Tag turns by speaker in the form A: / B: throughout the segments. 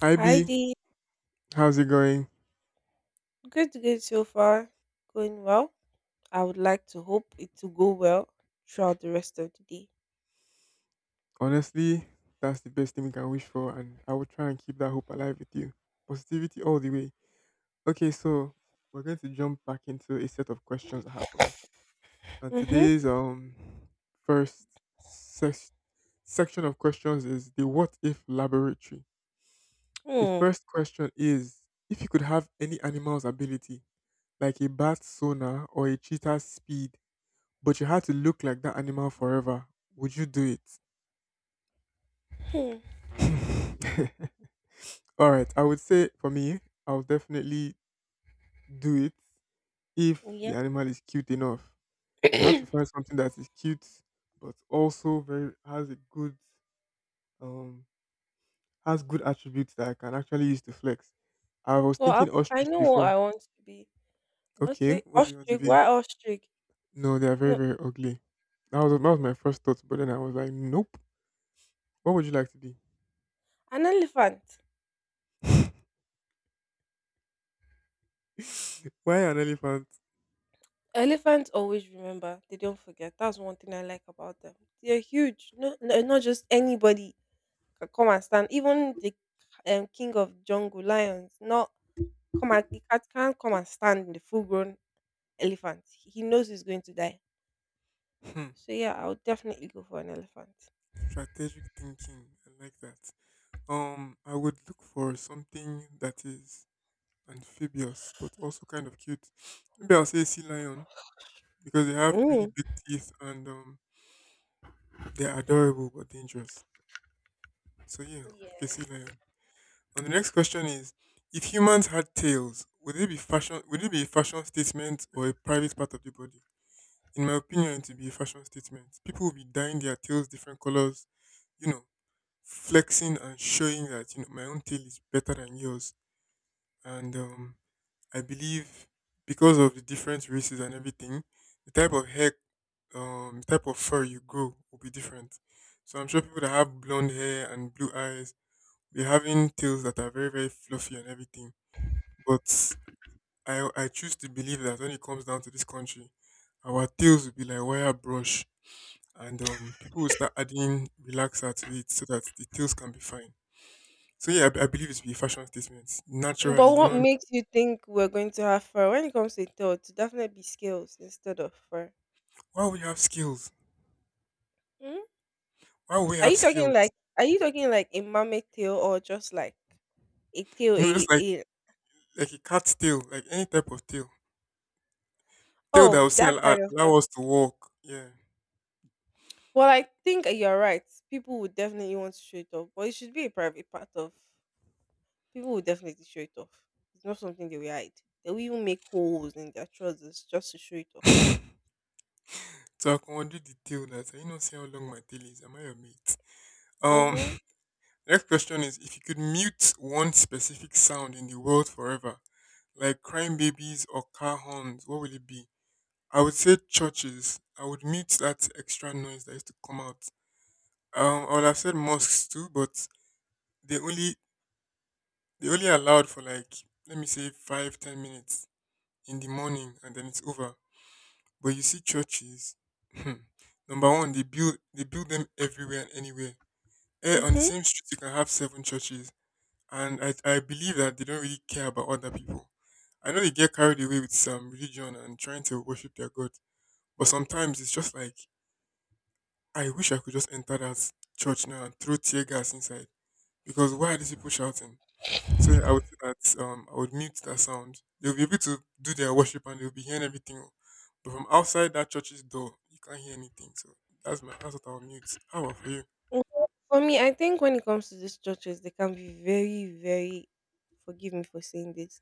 A: Hi
B: Hi
A: B,
B: Dee,
A: how's it going?
B: good so far. Going well. I would like to hope it to go well throughout the rest of the day.
A: Honestly, that's the best thing we can wish for, and I will try and keep that hope alive with you. Positivity all the way. Okay, so we're going to jump back into a set of questions I have for us. And
B: Mm-hmm.
A: today's first ses- section of questions is the what if laboratory. The
B: Hmm.
A: first question is if you could have any animal's ability, like a bat's sonar or a cheetah's speed, but you had to look like that animal forever, would you do it?
B: Hmm.
A: All right, I would say for me, I'll definitely do it if
B: Yep.
A: the animal is cute enough. I have to find something that is cute, but also very has a good um has good attributes that I can actually use to flex. I was
B: well,
A: thinking
B: I
A: ostrich
B: know what
A: before.
B: I want to be.
A: Okay,
B: Okay.
A: what do you want to
B: Ostrich.
A: be?
B: Why ostrich?
A: No, they are very
B: No,
A: very ugly. That was my first thought, but then I was like, nope. What would you like to be?
B: an elephant.
A: Why an elephant?
B: Elephants always remember. They don't forget. That's one thing I like about them. They're huge. No, no, not just anybody can come and stand. Even the king of jungle lions. Not come and you can't come and stand in the full grown elephant. He knows he's going to die.
A: Hmm,
B: So yeah, I would definitely go for an elephant.
A: strategic thinking. I like that. I would look for something that is amphibious but also kind of cute. Maybe I'll say sea lion because they have really
B: Mm.
A: big teeth and they're adorable but dangerous. So yeah, I'll pick a sea
B: Yes.
A: lion. And the next question is: if humans had tails, would it be fashion? Would it be a fashion statement or a private part of the body? In my opinion, it would be a fashion statement. People would be dyeing their tails different colors. You know, flexing and showing that you know my own tail is better than yours. And I believe because of the different races and everything, the type of hair, the type of fur you grow will be different. So I'm sure people that have blonde hair and blue eyes be having tails that are very very fluffy and everything. But I choose to believe that when it comes down to this country, our tails will be like wire brush, and people will start adding relaxer to it so that the tails can be fine. So yeah, I believe it to be a fashion statement. Naturally,
B: But what
A: human.
B: makes you think we're going to have fur? When it comes to tail, to definitely be scales instead of fur.
A: Why would you have skills?
B: Mm?
A: Why would we
B: Are
A: have
B: you talking
A: skills?
B: like, a mammoth tail or just like a tail
A: No,
B: a,
A: just
B: a
A: like a cat's tail, like any type of tail. Tail that will
B: oh,
A: still
B: that
A: allow,
B: kind of tail?
A: allow us to walk. Yeah.
B: Well, I think you're right. People would definitely want to show it off, but it should be a private part of. People will definitely show it off. It's not something they will hide. They will even make holes in their trousers just to show it off.
A: So I commanded the tail that I know see how long my tail is. Am I your mate? Um,
B: Mm-hmm.
A: next question is if you could mute one specific sound in the world forever, like crying babies or car horns, what would it be? I would say churches. I would mute that extra noise that used to come out. Um, I would have said mosques too, but they only they only allowed for like let me say 5, 10 minutes in the morning and then it's over. But you see churches, hmm, number one, they build them everywhere and anywhere. Eh, on the
B: Mm-hmm.
A: same street you can have 7 churches. And I believe that they don't really care about other people. I know they get carried away with some religion and trying to worship their God. But sometimes it's just like I wish I could just enter that church now and throw tear gas inside. Because why are these people shouting? So yeah, I would say that I would mute that sound. They'll be able to do their worship and they'll be hearing everything. Oh. But from outside that church's door, you can't hear anything. So that's what I'll mute. How about for you?
B: Well, for me, I think when it comes to these churches, they can be very, very, forgive me for saying this,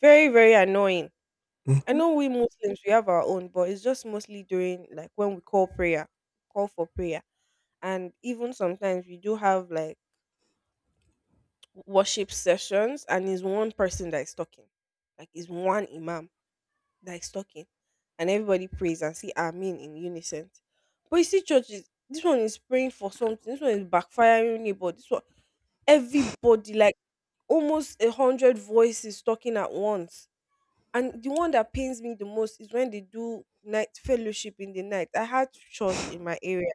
B: very, very annoying. I
A: Hmm.
B: know we Muslims we have our own, but it's just mostly during like when we call for prayer. And even sometimes we do have like worship sessions and it's one person that is talking. Like it's one imam that is talking and everybody prays and see Amen in unison. But you see, churches, this one is praying for something, this one is backfiring it, but this one, everybody, like almost a hundred voices talking at once. And the one that pains me the most is when they do night fellowship in the night. I had church in my area,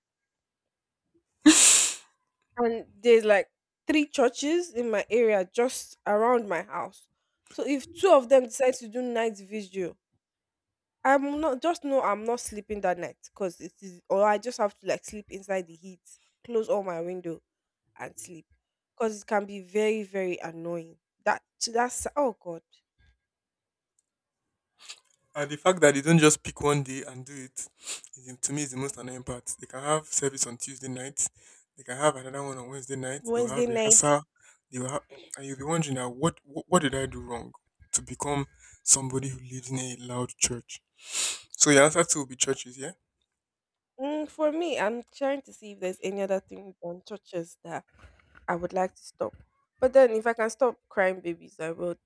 B: and there's like three churches in my area just around my house. So if two of them decide to do night vigil, I'm not just know I'm not sleeping that night because it is, or I just have to like sleep inside the heat, close all my window and sleep because it can be very, very annoying. That, that's oh god.
A: And the fact that they don't just pick one day and do it, is, to me, is the most annoying part. They can have service on Tuesday night, they can have another one on Wednesday night, they will
B: Wednesday
A: have
B: night.
A: rehearsal, they will have, and you'll be wondering now, what did I do wrong to become somebody who lives in a loud church? So your answer too will be churches,
B: Mm, for me, I'm trying to see if there's any other thing on churches that I would like to stop, but then if I can stop crying babies, I will.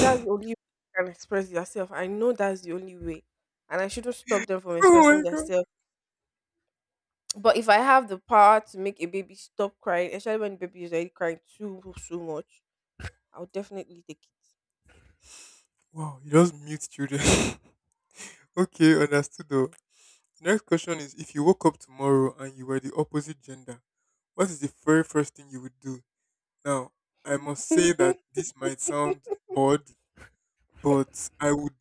B: That's the only way I can express yourself. I know that's the only way, and I shouldn't stop them from
A: Oh my
B: expressing
A: god.
B: themselves. But if I have the power to make a baby stop crying, especially when the baby is already crying too so much, I would definitely take
A: Wow, you just mute children. Okay, understood though. The next question is if you woke up tomorrow and you were the opposite gender, what is the very first thing you would do? Now, I must say that
B: it.
A: this might sound odd, but I would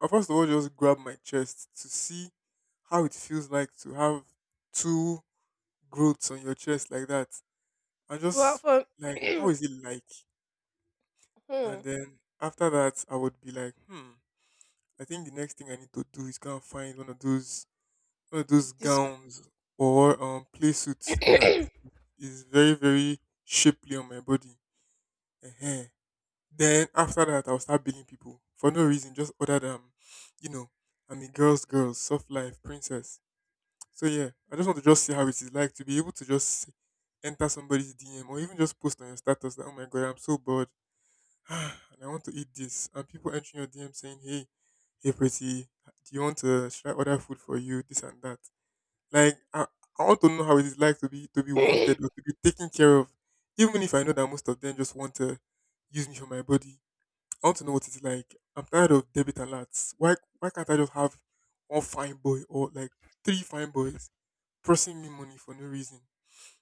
A: first of all just grab my chest to see how it feels like to have two growths on your chest like that. And
B: Well,
A: just
B: for
A: like how is it like?
B: hmm,
A: And then after that I would be like, hmm. I think the next thing I need to do is go and find one of those
B: this,
A: gowns or play suits that is very very shapely on my body. Uh, then after that, I'll start billing people for no reason, just other than you know I'm a girl's girl, soft life princess. So yeah, I just want to just see how it is like to be able to just enter somebody's DM or even just post on your status that oh my god, I'm so bored, and I want to eat this, and people entering your DM saying hey, "Hey pretty, do you want to should I order food for you?" This and that. Like I, I want to know how it is like to be wanted or to be taken care of, even if I know that most of them just want to use me for my body. I want to know what it's like. I'm tired of debit alerts. Why can't I just have one fine boy or like three fine boys pressing me money for no reason?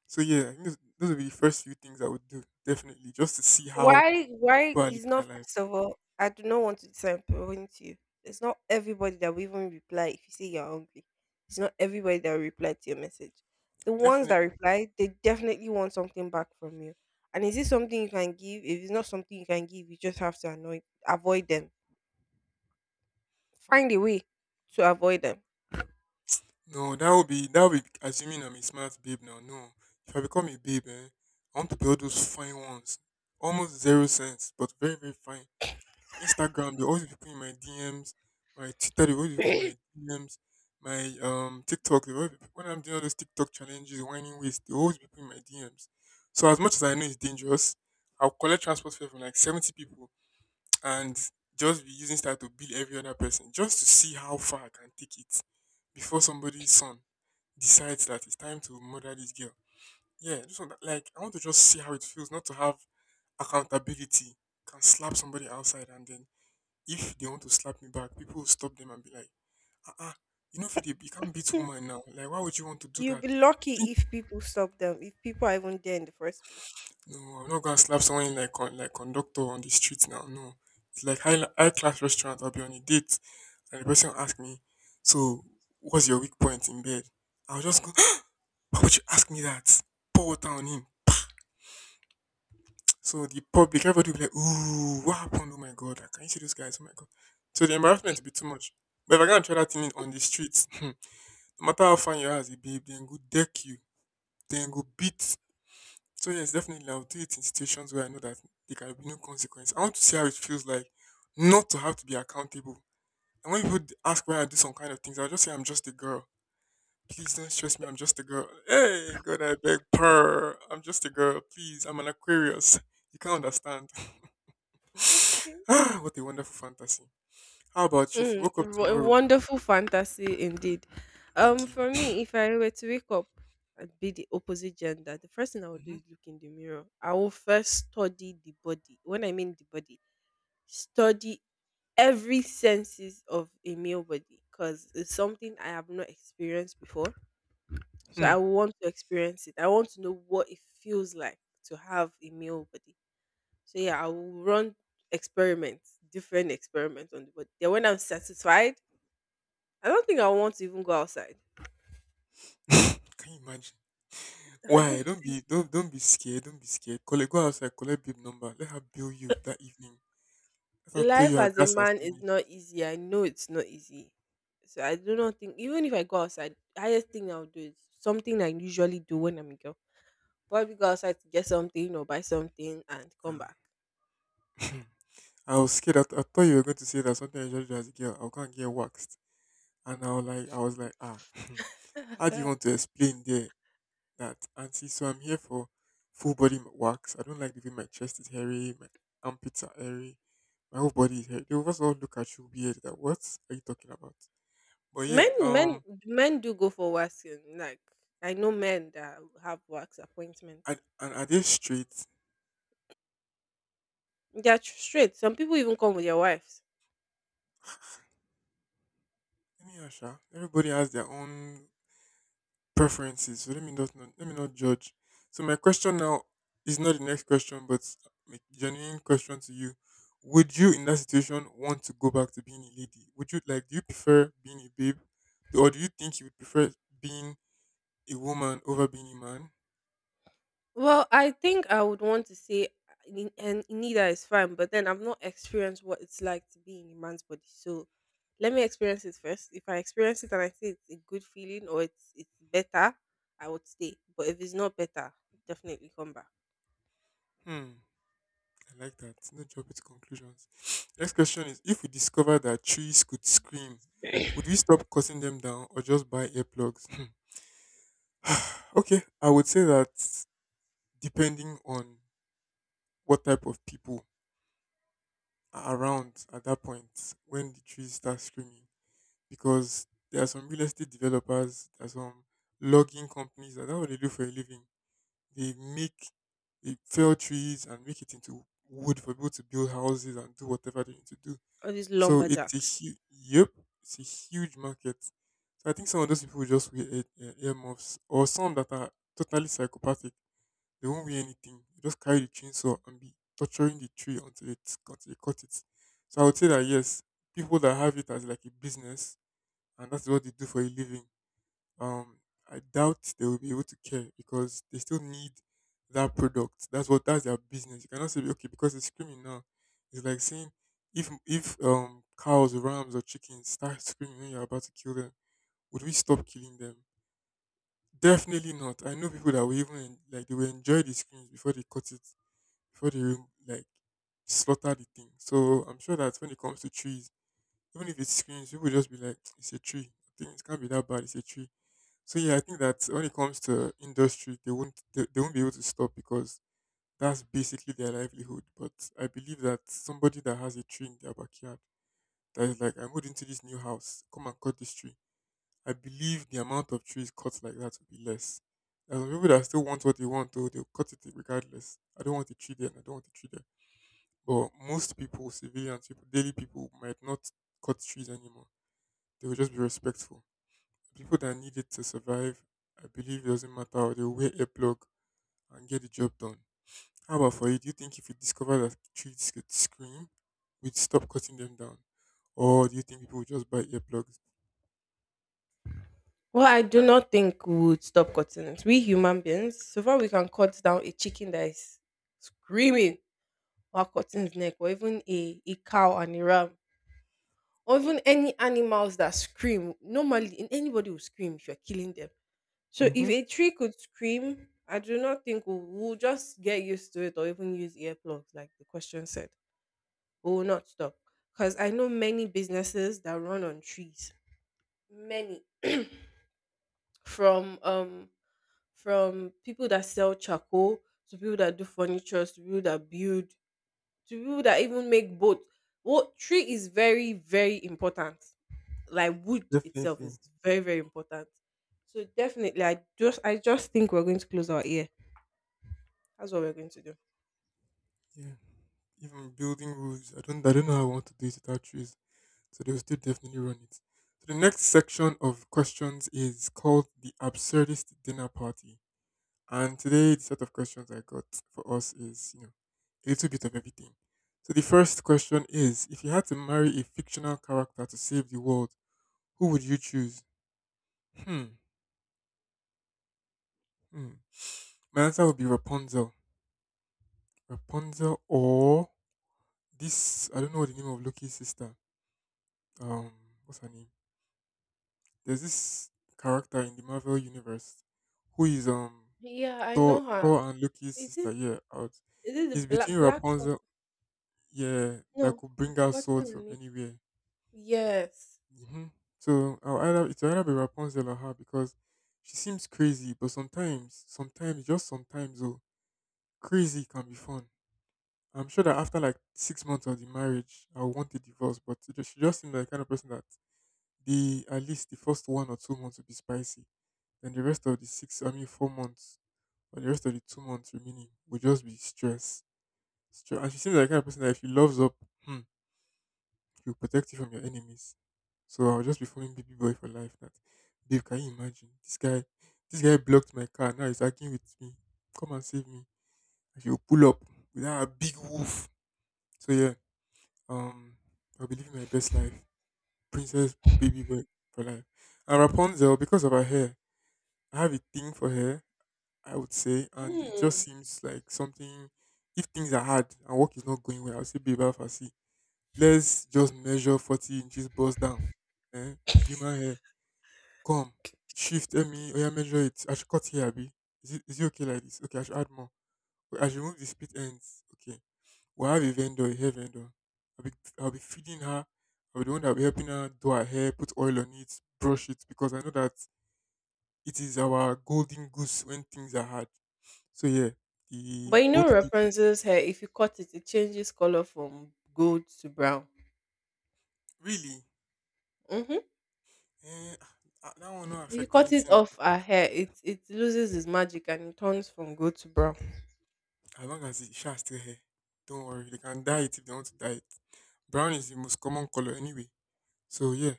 A: So yeah, I think those would be the first few things I would do definitely just to see how
B: why
A: people are living
B: is
A: their
B: not
A: life.
B: first of all? I do not want to disappoint you. It's not everybody that will even reply if you say you're hungry. It's not everybody that will reply to your message. The ones that
A: Definitely.
B: reply, they definitely want something back from you. And is it something you can give? If it's not something you can give, you just have to avoid them. Find a way to avoid them.
A: No, that would be assuming I'm a smart babe now. No, if I become a babe, eh, I want to be all those fine ones, almost zero sense, but very very fine. So Instagram, they always be putting my DMs. My Twitter, they always be putting my DMs. My TikTok, they always people, when I'm doing all those TikTok challenges, whining waist, they always be putting my DMs. So as much as I know it's dangerous, I'll collect transport fare from like 70 people and just be using that to bill every other person, just to see how far I can take it before somebody's son decides that it's time to murder this girl. Yeah, just want, like I want to just see how it feels not to have accountability. Can slap somebody outside and then if they want to slap me back, people will stop them and be like, ah, you know, Philip, you can't beat
B: Hmm,
A: woman now. Like, why would you want to do
B: you'll
A: that?
B: be
A: Didn't
B: lucky
A: you-
B: if people stop them, if people are even there in the first place.
A: No, I'm not gonna slap someone in like like conductor on the street now. No, it's like high high class restaurant. I'll be on a date and the person will ask me, so what's your weak point in bed? I'll just go. Why would you ask me that? Pour water on him. So the public, everybody will be like, ooh, what happened? Oh my god, can you see those guys? Oh my god. So the embarrassment will be too much. But if I go and try that thing on the streets, no matter how fine you are as a babe, then go deck you, then go beat. So yes, definitely I'll do it in situations where I know that there can be no consequence. I want to see how it feels like not to have to be accountable. And when people ask why I do some kind of things, I'll just say I'm just a girl. Please don't stress me, I'm just a girl. Hey God, I beg purr. I'm just a girl. Please, I'm an Aquarius. You can't understand.
B: Okay.
A: Ah, what a wonderful fantasy. How about you? If you
B: Mm,
A: woke up
B: w- a
A: tomorrow,
B: wonderful fantasy indeed.
A: thank you.
B: For me, if I were to wake up and be the opposite gender, the first thing I would do
A: Hmm.
B: is look in the mirror. I will first study the body. When I mean the body, study every senses of a male body because it's something I have not experienced before. So
A: Hmm.
B: I want to experience it. I want to know what it feels like to have a male body. So yeah, I will run experiments, different experiments on the body. Then when I'm satisfied, I don't think I want to even go outside.
A: Can you imagine?
B: I
A: Why?
B: don't
A: Don't
B: think
A: be don't don't be scared. Don't be scared. Collect, go outside, collect babe number. Let her bill you that evening. Let her tell
B: life
A: you her
B: as a
A: gas has
B: man is
A: finished.
B: not easy. I know it's not easy. So I do not think even if I go outside, highest thing I'll do is something I usually do when I'm a girl. Probably go outside to get something or buy something and come
A: Ah.
B: back.
A: I was scared. I thought you were going to say that something I usually do as a girl. I'll go and get waxed. And I was like, ah, how do you want to explain there that auntie? So I'm here for full body wax. I don't like the way my chest is hairy, my armpits are hairy. My whole body is here. They will first of all look at you weird. That what are you talking about? But yeah,
B: Men, men, men do go for waxing. Like, I know men that have wax appointments.
A: and are they straight?
B: They're straight. Some people even come with their wives.
A: Let me ask ya. Everybody has their own preferences, so let me let me not judge. So my question now is not the next question, but a genuine question to you: Would you, in that situation, want to go back to being a lady? Would you like? Do you prefer being a babe, or do you think you would prefer being a woman over being a man?
B: Well, I think I would want to say, and neither is fine. But then I've not experienced what it's like to be in a man's body. So let me experience it first. If I experience it and I say it's a good feeling or it's better, I would stay. But if it's not better, definitely come back.
A: Hmm. I like that. No jump to conclusions. Next question is if we discover that trees could scream, would we stop cutting them down or just buy earplugs? Hmm. Okay, I would say that depending on what type of people are around at that point when the trees start screaming, because there are some real estate developers, there are some logging companies that that's what they do for a living. They make they fell trees and make it into wood for people to build houses and do whatever they need to do.
B: All these
A: So it's a
B: lumberjacks.
A: huge, yep, it's a huge market. So I think some of those people will just wear ear, earmuffs, or some that are totally psychopathic. They won't wear anything. They just carry the chainsaw and be torturing the tree until it's until they cut it. So I would say that yes, people that have it as like a business, and that's what they do for a living, um I doubt they will be able to care because they still need that product. That's what that's their business. You cannot say okay because it's screaming now. It's like saying if cows, rams, or chickens start screaming when you're about to kill them, would we stop killing them? Definitely not. I know people that will like they will enjoy the screams before they cut it, before they rem- like slaughter the thing. So I'm sure that when it comes to trees even if it screams, people just be like, it's a tree. I think it can't be that bad. It's a tree. So yeah, I think that when it comes to industry, they won't be able to stop because that's basically their livelihood. But I believe that somebody that has a tree in their backyard that is like, I moved into this new house, come and cut this tree. I believe the amount of trees cut like that will be less. There are some people that still want what they want, though they'll cut it regardless. I don't want a tree there, and I don't want a tree there. But most people, civilians, people, daily people, might not cut trees anymore they will just be respectful. The people that need it to survive, I believe it doesn't matter. They'll wear earplug and get the job done. How about for you? Do you think if you discover that trees could scream, we'd stop cutting them down? Or do you think people would just buy earplugs?
B: Well, I do not think we would stop cutting it. We human beings, so far we can cut down a chicken that is screaming while cutting its neck, or even a cow and a ram, or even any animals that scream. Normally, anybody will scream if you're killing them. So if
A: Mm-hmm.
B: a tree could scream, I do not think we'll just get used to it or even use earplugs, like the question said. We will not stop. Because I know many businesses that run on trees. Many. From um from people that sell charcoal to people that do furniture to people that build to people that even make boats. What tree is very, very important. Like wood itself
A: Definitely.
B: is very, very important. So definitely, I just think we're going to close our ear. That's what we're going to do.
A: Yeah. Even building roofs, I don't know how I want to do it without trees. So they will still definitely run it. So the next section of questions is called the absurdist dinner party. And today, the set of questions I got for us is, you know, a little bit of everything. So the first question is: If you had to marry a fictional character to save the world, who would you choose? Hmm. Hmm. My answer would be Rapunzel. Rapunzel or this I don't know the name of Loki's sister. Um, what's her name? There's this character in the Marvel universe who is
B: Yeah, I
A: Thor,
B: know her.
A: Thor and Loki's
B: Is
A: sister.
B: it,
A: Yeah, out.
B: is it the
A: It's between
B: black black song?
A: Rapunzel yeah, that
B: No,
A: could
B: I've
A: bring out
B: forgotten
A: swords
B: her
A: from
B: name.
A: anywhere.
B: Yes.
A: Hmm. So I'll either it'll either be Rapunzel or her because she seems crazy, but sometimes, oh, crazy can be fun. I'm sure that after like 6 months of the marriage, I'll want a divorce, but it just, she just seems like the kind of person that the at least the first 1 or 2 months will be spicy, and the rest of the six, I mean 4 months, or the rest of the 2 months remaining will just be stress. Stress. And she seems like the kind of person that if she loves up, hmm, he'll protect you from your enemies. So I'll just be following baby boy for life. That babe, can you imagine? This guy blocked my car, now he's arguing with me. Come and save me. And she'll pull up with her big wolf. So yeah, um I'll be living my best life. Princess baby boy for life. And Rapunzel, because of her hair, I have a thing for hair, I would say, and it just
B: Mm.
A: seems like something if things are hard and work is not going well, I'll say babe Alpha see. Let's just measure 40 inches bust down. Eh? It's human hair. Come. Shift ME. Oh, yeah, measure it. I should cut here, Abby. Is it okay like this? Okay, I should add more. Wait, I should remove the split ends. Okay. We'll have a vendor, a hair vendor. I'll be, I'll be feeding her. I'll be the one that'll be helping her do her hair, put oil on it, brush it, because I know that it is our golden goose when things are hard. So, yeah, the
B: But you know
A: both people.
B: Rapunzel's hair, if you cut it, it changes color from gold to brown.
A: Really?
B: Hmm.
A: Eh, ah, that will not
B: If you
A: affect
B: cut it
A: anything.
B: off her hair, it loses its magic and it turns from gold to brown.
A: As long as the Isha is still here, don't worry. They can dye it if they want to dye it. Brown is the most common color anyway. So yeah,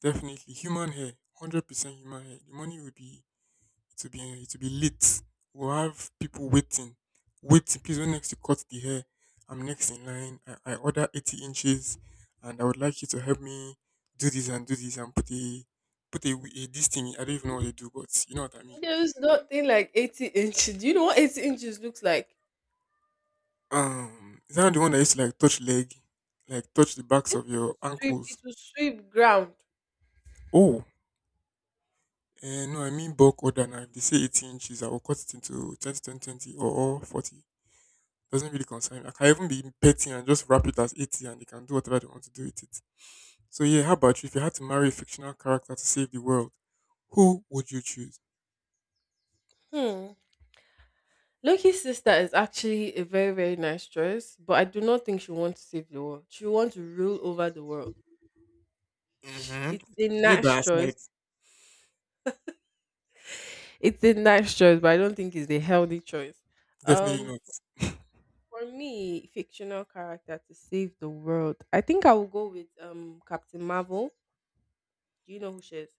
A: definitely human hair, 100% human hair. The money will be it will be eh, it will be lit. We'll have people waiting, waiting. Please, when next you cut the hair, I'm next in line. I order 80 inches, and I would like you to help me do this and put a this thing. I don't even know what they do, but you know what I mean.
B: There's nothing like 80 inches. Do you know what 80 inches looks like?
A: Is that the one that used to like touch leg, like touch the backs of your
B: Sweep,
A: ankles?
B: it will sweep ground.
A: Oh, eh, no, I mean bulk order now. If they say 80 inches, I will cut it into 20 or 40. Doesn't really concern me. I can even be petty and just wrap it as 80 and they can do whatever they want to do with it. So, yeah, how about you? If you had to marry a fictional character to save the world, who would you choose?
B: Hmm. Loki's sister is actually a very, very nice choice, but I do not think she wants to save the world. She wants to rule over the world.
A: Hmm.
B: It's a
A: It's me by
B: nice
A: our
B: choice.
A: side.
B: It's a nice choice, but I don't think it's a healthy choice.
A: Definitely not.
B: Um, for me, fictional character to save the world. I think I will go with Captain Marvel. Do you know who she is?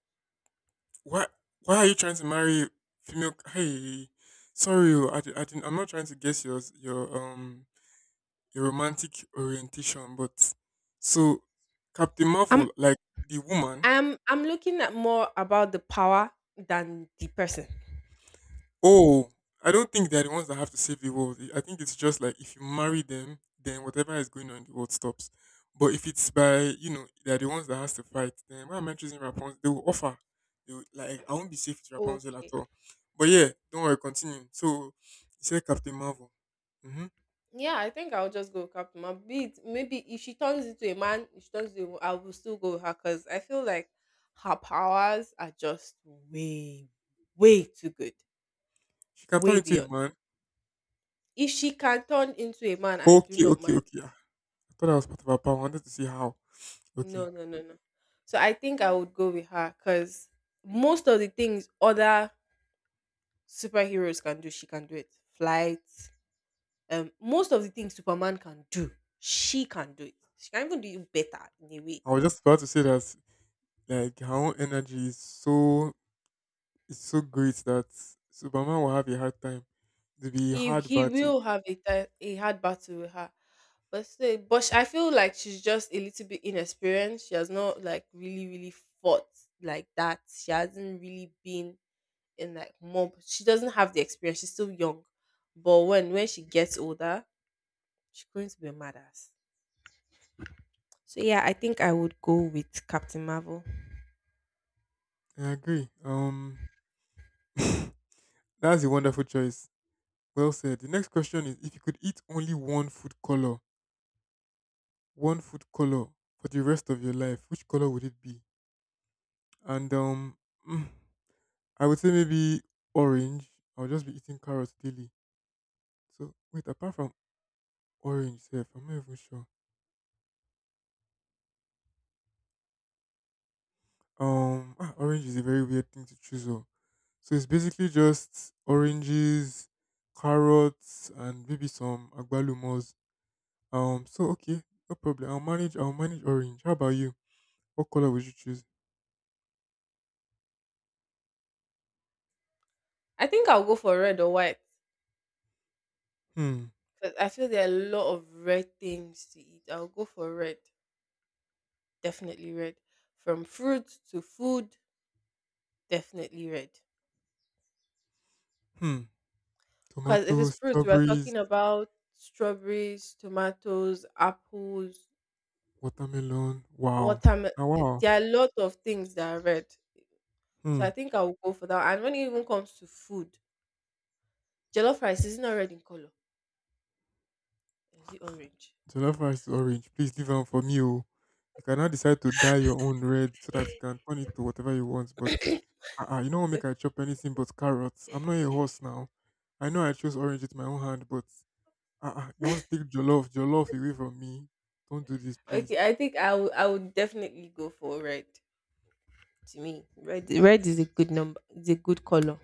A: Why, why are you trying to marry female? Hey, sorry, oh, I didn't, I'm not trying to guess your a romantic orientation, but so Captain
B: I'm
A: Marvel, like the woman,
B: I'm looking at more about the power than the person.
A: oh, I don't think they're the ones that have to save the world. I think it's just like if you marry them, then whatever is going on in the world stops. But if it's by you know they're the ones that has to fight, then why am I choosing Rapunzel? They will offer. They will, like I won't be safe with Rapunzel at
B: Okay.
A: all. But yeah, don't worry, continue. So he said Captain Marvel. Mm-hmm.
B: Yeah, I think I'll just go with Captain Marvel. Be it- maybe if she turns into a man, if she turns into a I will still go with her because I feel like her powers are just way, way too good.
A: She can turn
B: Way
A: into a
B: beyond.
A: man.
B: If she can turn into a man, I do
A: Okay,
B: not
A: okay,
B: mind.
A: okay. Ah, I thought that was part of her power. I wanted to see how. Okay.
B: No, no, no, no. So I think I would go with her because most of the things other superheroes can do, she can do it. Flight, most of the things Superman can do, she can do it. She can even do it better in a way.
A: I was just about to say that like her own energy is so great that Superman will have a hard time. It'll be a
B: If
A: hard
B: he
A: battle.
B: will have a, a hard battle with her, but still, but I feel like she's just a little bit inexperienced. She has not like really, really fought like that. She hasn't really been in like mob. She doesn't have the experience. She's still young, but when she gets older, she's going to be a badass. So yeah, I think I would go with Captain Marvel.
A: I agree. That's a wonderful choice. Well said. The next question is if you could eat only one food color for the rest of your life, which color would it be? And mm, I would say maybe orange. I'll just be eating carrots daily. So wait, apart from orange, self, I'm not even sure. Orange is a very weird thing to choose. Oh, so it's basically just oranges, carrots, and maybe some agbálùmos. So okay, no problem. I'll manage. I'll manage orange. How about you? What color would you choose?
B: I think I'll go for red or white
A: Hmm.
B: because I feel there are a lot of red things to eat. I'll go for red, definitely red. From fruit to food, definitely red.
A: Hmm.
B: Because if it's
A: Tomatoes,
B: fruit, we are
A: strawberries,
B: talking about strawberries, tomatoes, apples,
A: watermelon. Wow.
B: watermelon.
A: Ah, wow.
B: There are a lot of things that are red. So
A: Hmm.
B: I think I will go for that. And when it even comes to food, jollof rice is not red in color. Is it orange?
A: Jollof rice is orange. Please leave one for me. Oh. You can now decide to dye your own red so that you can turn it to whatever you want. But you don't want make I chop anything but carrots. I'm not a horse now. I know I chose orange with my own hand, but uh-uh, you want to take jollof away from me. Don't do this, please.
B: Okay, I think I will. I would definitely go for red. To me, red red is a good number. It's a good color.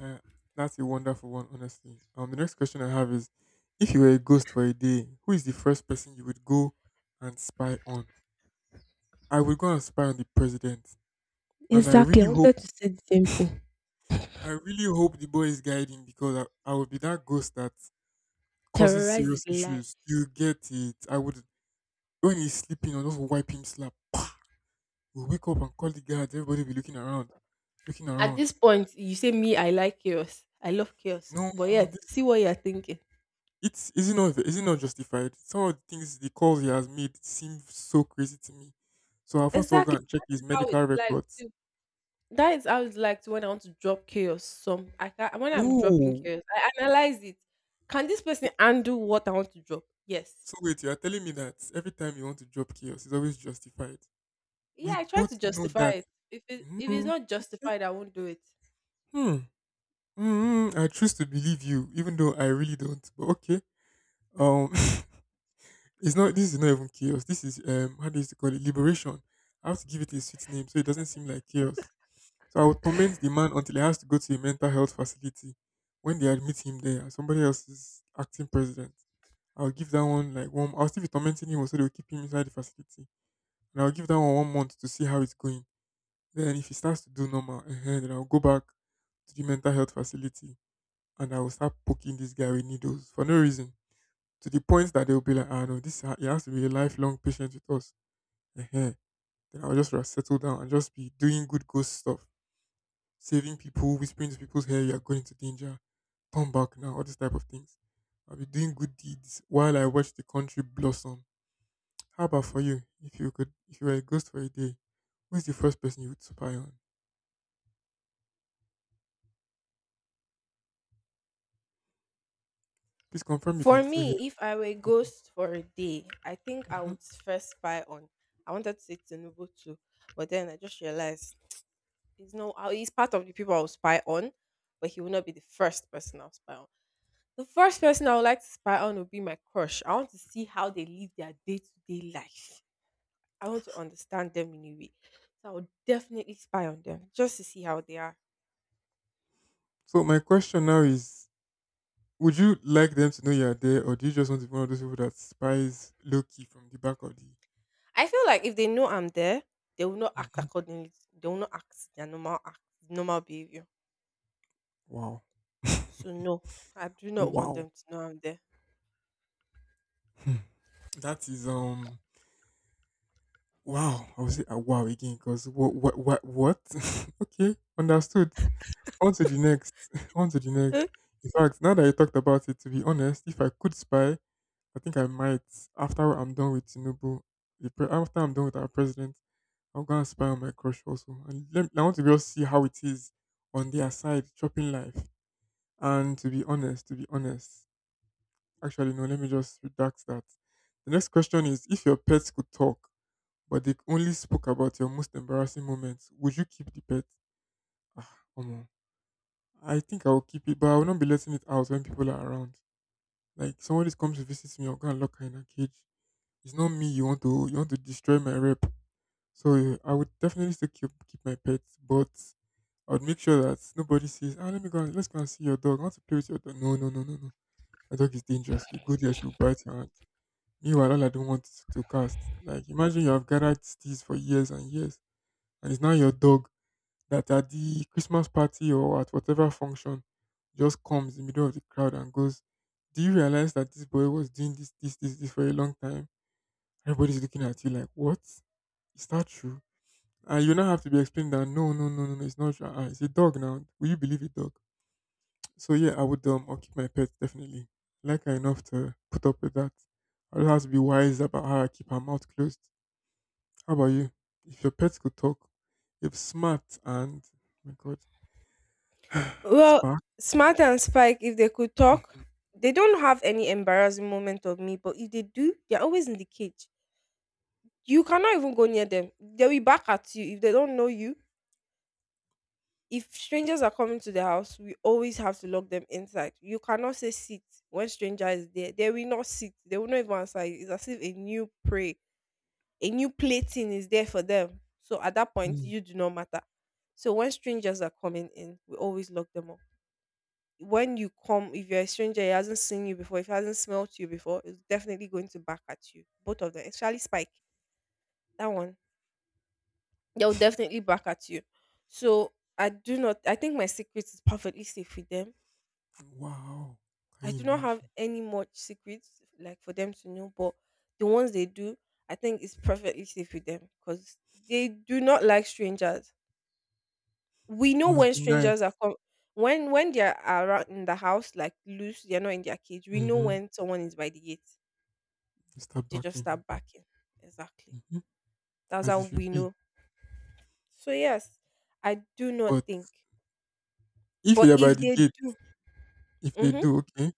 A: Uh, that's a wonderful one, honestly. The next question I have is, if you were a ghost for a day, who is the first person you would go and spy on? I would go and spy on the president, and I
B: Exactly.
A: really
B: I
A: hope,
B: wanted to say the same thing.
A: I really hope the boy is guiding because I would be that ghost that causes
B: Terrorize is
A: serious
B: lie.
A: issues. You get it? I would When he's sleeping, I'll just wipe him slap. We'll wake up and call the guards. Everybody will be looking around, looking
B: At
A: around.
B: this point, you say me. I like chaos. I love chaos.
A: No,
B: But yet,
A: this
B: see what you're thinking.
A: It's is it not justified? Some of the things the calls he has made seem so crazy to me. So I'll first of all go
B: Exactly.
A: and check his
B: That is how it's
A: medical
B: like.
A: records.
B: That is how it's like to when I want to drop chaos. Some I can when I'm dropping
A: No.
B: chaos, I analyze it. Can this
A: So,
B: person undo what I want to drop? Yes.
A: so wait, you are telling me that every time you want to drop chaos, it's always justified?
B: Yeah,
A: We
B: I try to
A: both know
B: justify
A: that.
B: it. If it if it's
A: Hmm.
B: not
A: Okay.
B: justified, I won't do it.
A: Hmm. I choose to believe you, even though I really don't. But okay. Um. It's not. This is not even chaos. This is. How do you call it? Liberation. I have to give it a sweet name so it doesn't seem like chaos. So I would torment the man until he has to go to a mental health facility. When they admit him there, and somebody else is acting president, I'll give that one like one. I'll still be tormenting him, so they'll keep him inside the facility, and I'll give that one 1 month to see how it's going. Then if he starts to do normal, then I'll go back to the mental health facility, and I will start poking this guy with needles for no reason, to the point that they'll be like, ah no, he has to be a lifelong patient with us. Then I'll just settle down and just be doing good ghost stuff, saving people, whispering to people's hair, you're going into danger, turn back now, all these type of things. I'll be doing good deeds while I watch the country blossom. How about for you? If you were a ghost for a day, who is the first person you would spy on? Please confirm you can
B: For
A: still hear
B: me,
A: me
B: if I were a
A: talking.
B: ghost for a day, I think I
A: Mhm.
B: would first spy on. I wanted to say Tinubu too, but then I just realized he's no he's part of the people I'll spy on, but he will not be the first person I'll spy on. The first person I would like to spy on would be my crush. I want to see how they live their day to day life. I want to understand them in a way. So I would definitely spy on them just to see how they are.
A: So my question now is: would you like them to know you are there, or do you just want to be one of those people that spies low key from the back of the?
B: I feel like if they know I'm there, they will not act
A: Mhm.
B: accordingly. They will not act their normal act, normal behavior.
A: Wow.
B: So no, I do not want
A: Wow.
B: them to know I'm there.
A: Hmm. that is Wow, I would say a wow again because what what? Okay, understood. On to the next. On to the next.
B: Mm,
A: In fact, now that you talked about it, to be honest, if I could spy, I think I might. After I'm done with Tinubu, after I'm done with our president, I'm gonna spy on my crush also, and let, I want to just see how it is on their side, chopping life. And to be honest, actually no, let me just redact that. The next question is: if your pets could talk, but they only spoke about your most embarrassing moments, would you keep the pet? Ah, come on, I think I will keep it, but I will not be letting it out when people are around. Like somebody comes to visit me, I'll go and lock her in a cage. It's not me, you want to destroy my rep. So eh, I would definitely still keep my pet, but I would make sure that nobody says, ah, let's go and see your dog. I want to play with your dog. No, no, no, no, no. My dog is dangerous. If you go there, she'll bite your hand. Meanwhile, all I don't want is to cast. Like imagine you have gathered these for years and years, and it's now your dog that at the Christmas party or at whatever function just comes in the middle of the crowd and goes, do you realize that this boy was doing this, this, this, this for a long time? Everybody's looking at you like, what? Is that true? And you now have to be explained that no, no, no, no, no, it's not true. It's a dog now. Will you believe a dog? So yeah, I'll keep my pet definitely. I like her enough to put up with that. I'll have to be wise about how I keep her mouth closed. How about you? If your pets could talk, if Smart and, my god,
B: Well,
A: Spark.
B: Smart and Spike, if they could talk, they don't have any embarrassing moment of me, but if they do, they're always in the cage. You cannot even go near them. They'll be back at you if they don't know you. If strangers are coming to the house, we always have to lock them inside. You cannot say sit when stranger is there. They will not sit. They will not even answer you. It's as if a new prey, a new plating is there for them. So at that point,
A: Hmm.
B: you do not matter. So when strangers are coming in, we always lock them up. When you come, if you're a stranger, he hasn't seen you before, if he hasn't smelled you before, it's definitely going to back at you. Both of them, especially Spike. That one, they'll definitely back at you. So I do not. I think my secret is perfectly safe with them.
A: Wow! Can
B: I
A: you
B: do not have
A: imagine?
B: any much secrets like for them to know, but the ones they do, I think it's perfectly safe with them because they do not like strangers. We know
A: Must
B: when
A: be nice.
B: when they are around in the house, like loose, they're not in their cage. We know
A: Mhm.
B: when someone is by the gate,
A: You start
B: they just
A: backing
B: start
A: at me.
B: backing. Exactly.
A: Mhm.
B: That's
A: As
B: how
A: it should
B: we
A: be.
B: know. So yes, I do not
A: But
B: think.
A: if
B: But
A: you're by
B: if
A: the
B: they
A: gate,
B: do,
A: if they
B: mhm.
A: do, okay?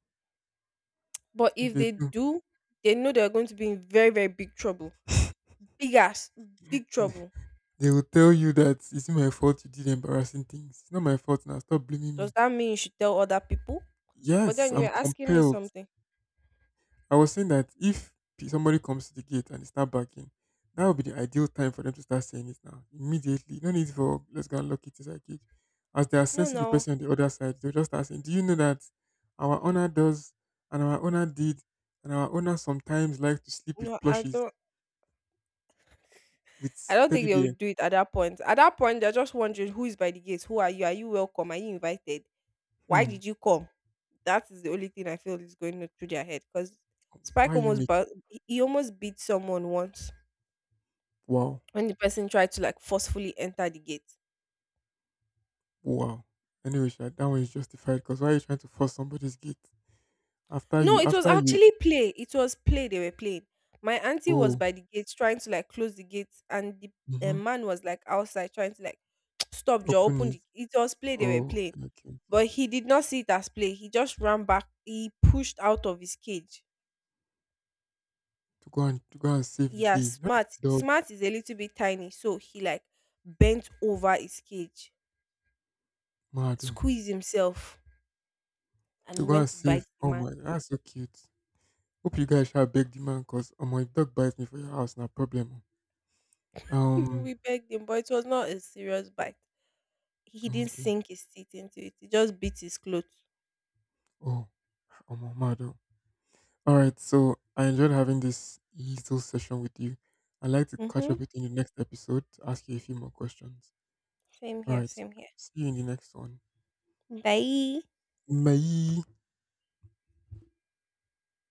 B: But
A: If
B: if
A: they
B: they
A: do,
B: do, they know they're going to be in very, very big trouble. Big ass, big trouble.
A: they will tell you that it's not my fault you did embarrassing things. It's not my fault now. Stop blaming
B: Does
A: me.
B: that mean you should tell other people? But
A: Yes,
B: then
A: I'm
B: you're asking me
A: compelled.
B: something.
A: I was saying that if somebody comes to the gate and they start barking, that would be the ideal time for them to start saying it now. Immediately. No need for let's go and lock it inside cage. As they are
B: No,
A: sensing the
B: no,
A: person on the other side, they'll just start saying, do you know that our owner does and our owner did and our owner sometimes like to sleep with
B: no, I
A: plushies
B: don't.
A: with
B: I don't
A: teddy
B: think they
A: bear?
B: would do it at that point. At that point, they're just wondering who is by the gates. Who are you? Are you welcome? Are you invited? Why
A: Hmm.
B: did you come? That is the only thing I feel is going on through their head. Because
A: Why are you making
B: He almost beat someone once
A: wow.
B: when the person tried to like forcefully enter the gate.
A: Wow. Anyway, Sha, that one is justified because why are you trying to force somebody's gate? After
B: No,
A: you
B: it was
A: after you
B: actually play. It was play they were playing. My auntie was
A: oh,
B: by the gate trying to like close the gate, and the
A: mm-hmm,
B: man was like outside trying to like stop, Joe,
A: open
B: open
A: it.
B: the. It was play they were
A: Oh,
B: playing,
A: okay, okay. Okay.
B: but he did not see it as play. He just ran back. He pushed out of his cage.
A: to go and save the
B: Yeah,
A: day.
B: smart.
A: Dog
B: Smart is a little bit tiny, so he like bent over his cage,
A: mad oh.
B: squeezed himself,
A: To
B: and
A: go
B: went
A: and
B: to
A: save.
B: bite the
A: Oh
B: man.
A: my, that's so cute. Hope you guys shall beg the man because oh my, if dog bites me for your house, no problem. Oh.
B: We begged him, but it was not a serious bite. He didn't
A: Okay.
B: sink his teeth into it. He just bit his clothes.
A: Oh, oh my mad oh. All right, so I enjoyed having this little session with you. I'd like to catch
B: Mhm.
A: up with you in the next episode to ask you a few more questions.
B: Same
A: All
B: here.
A: right,
B: Same here.
A: see you in the next one.
B: Bye.
A: Bye.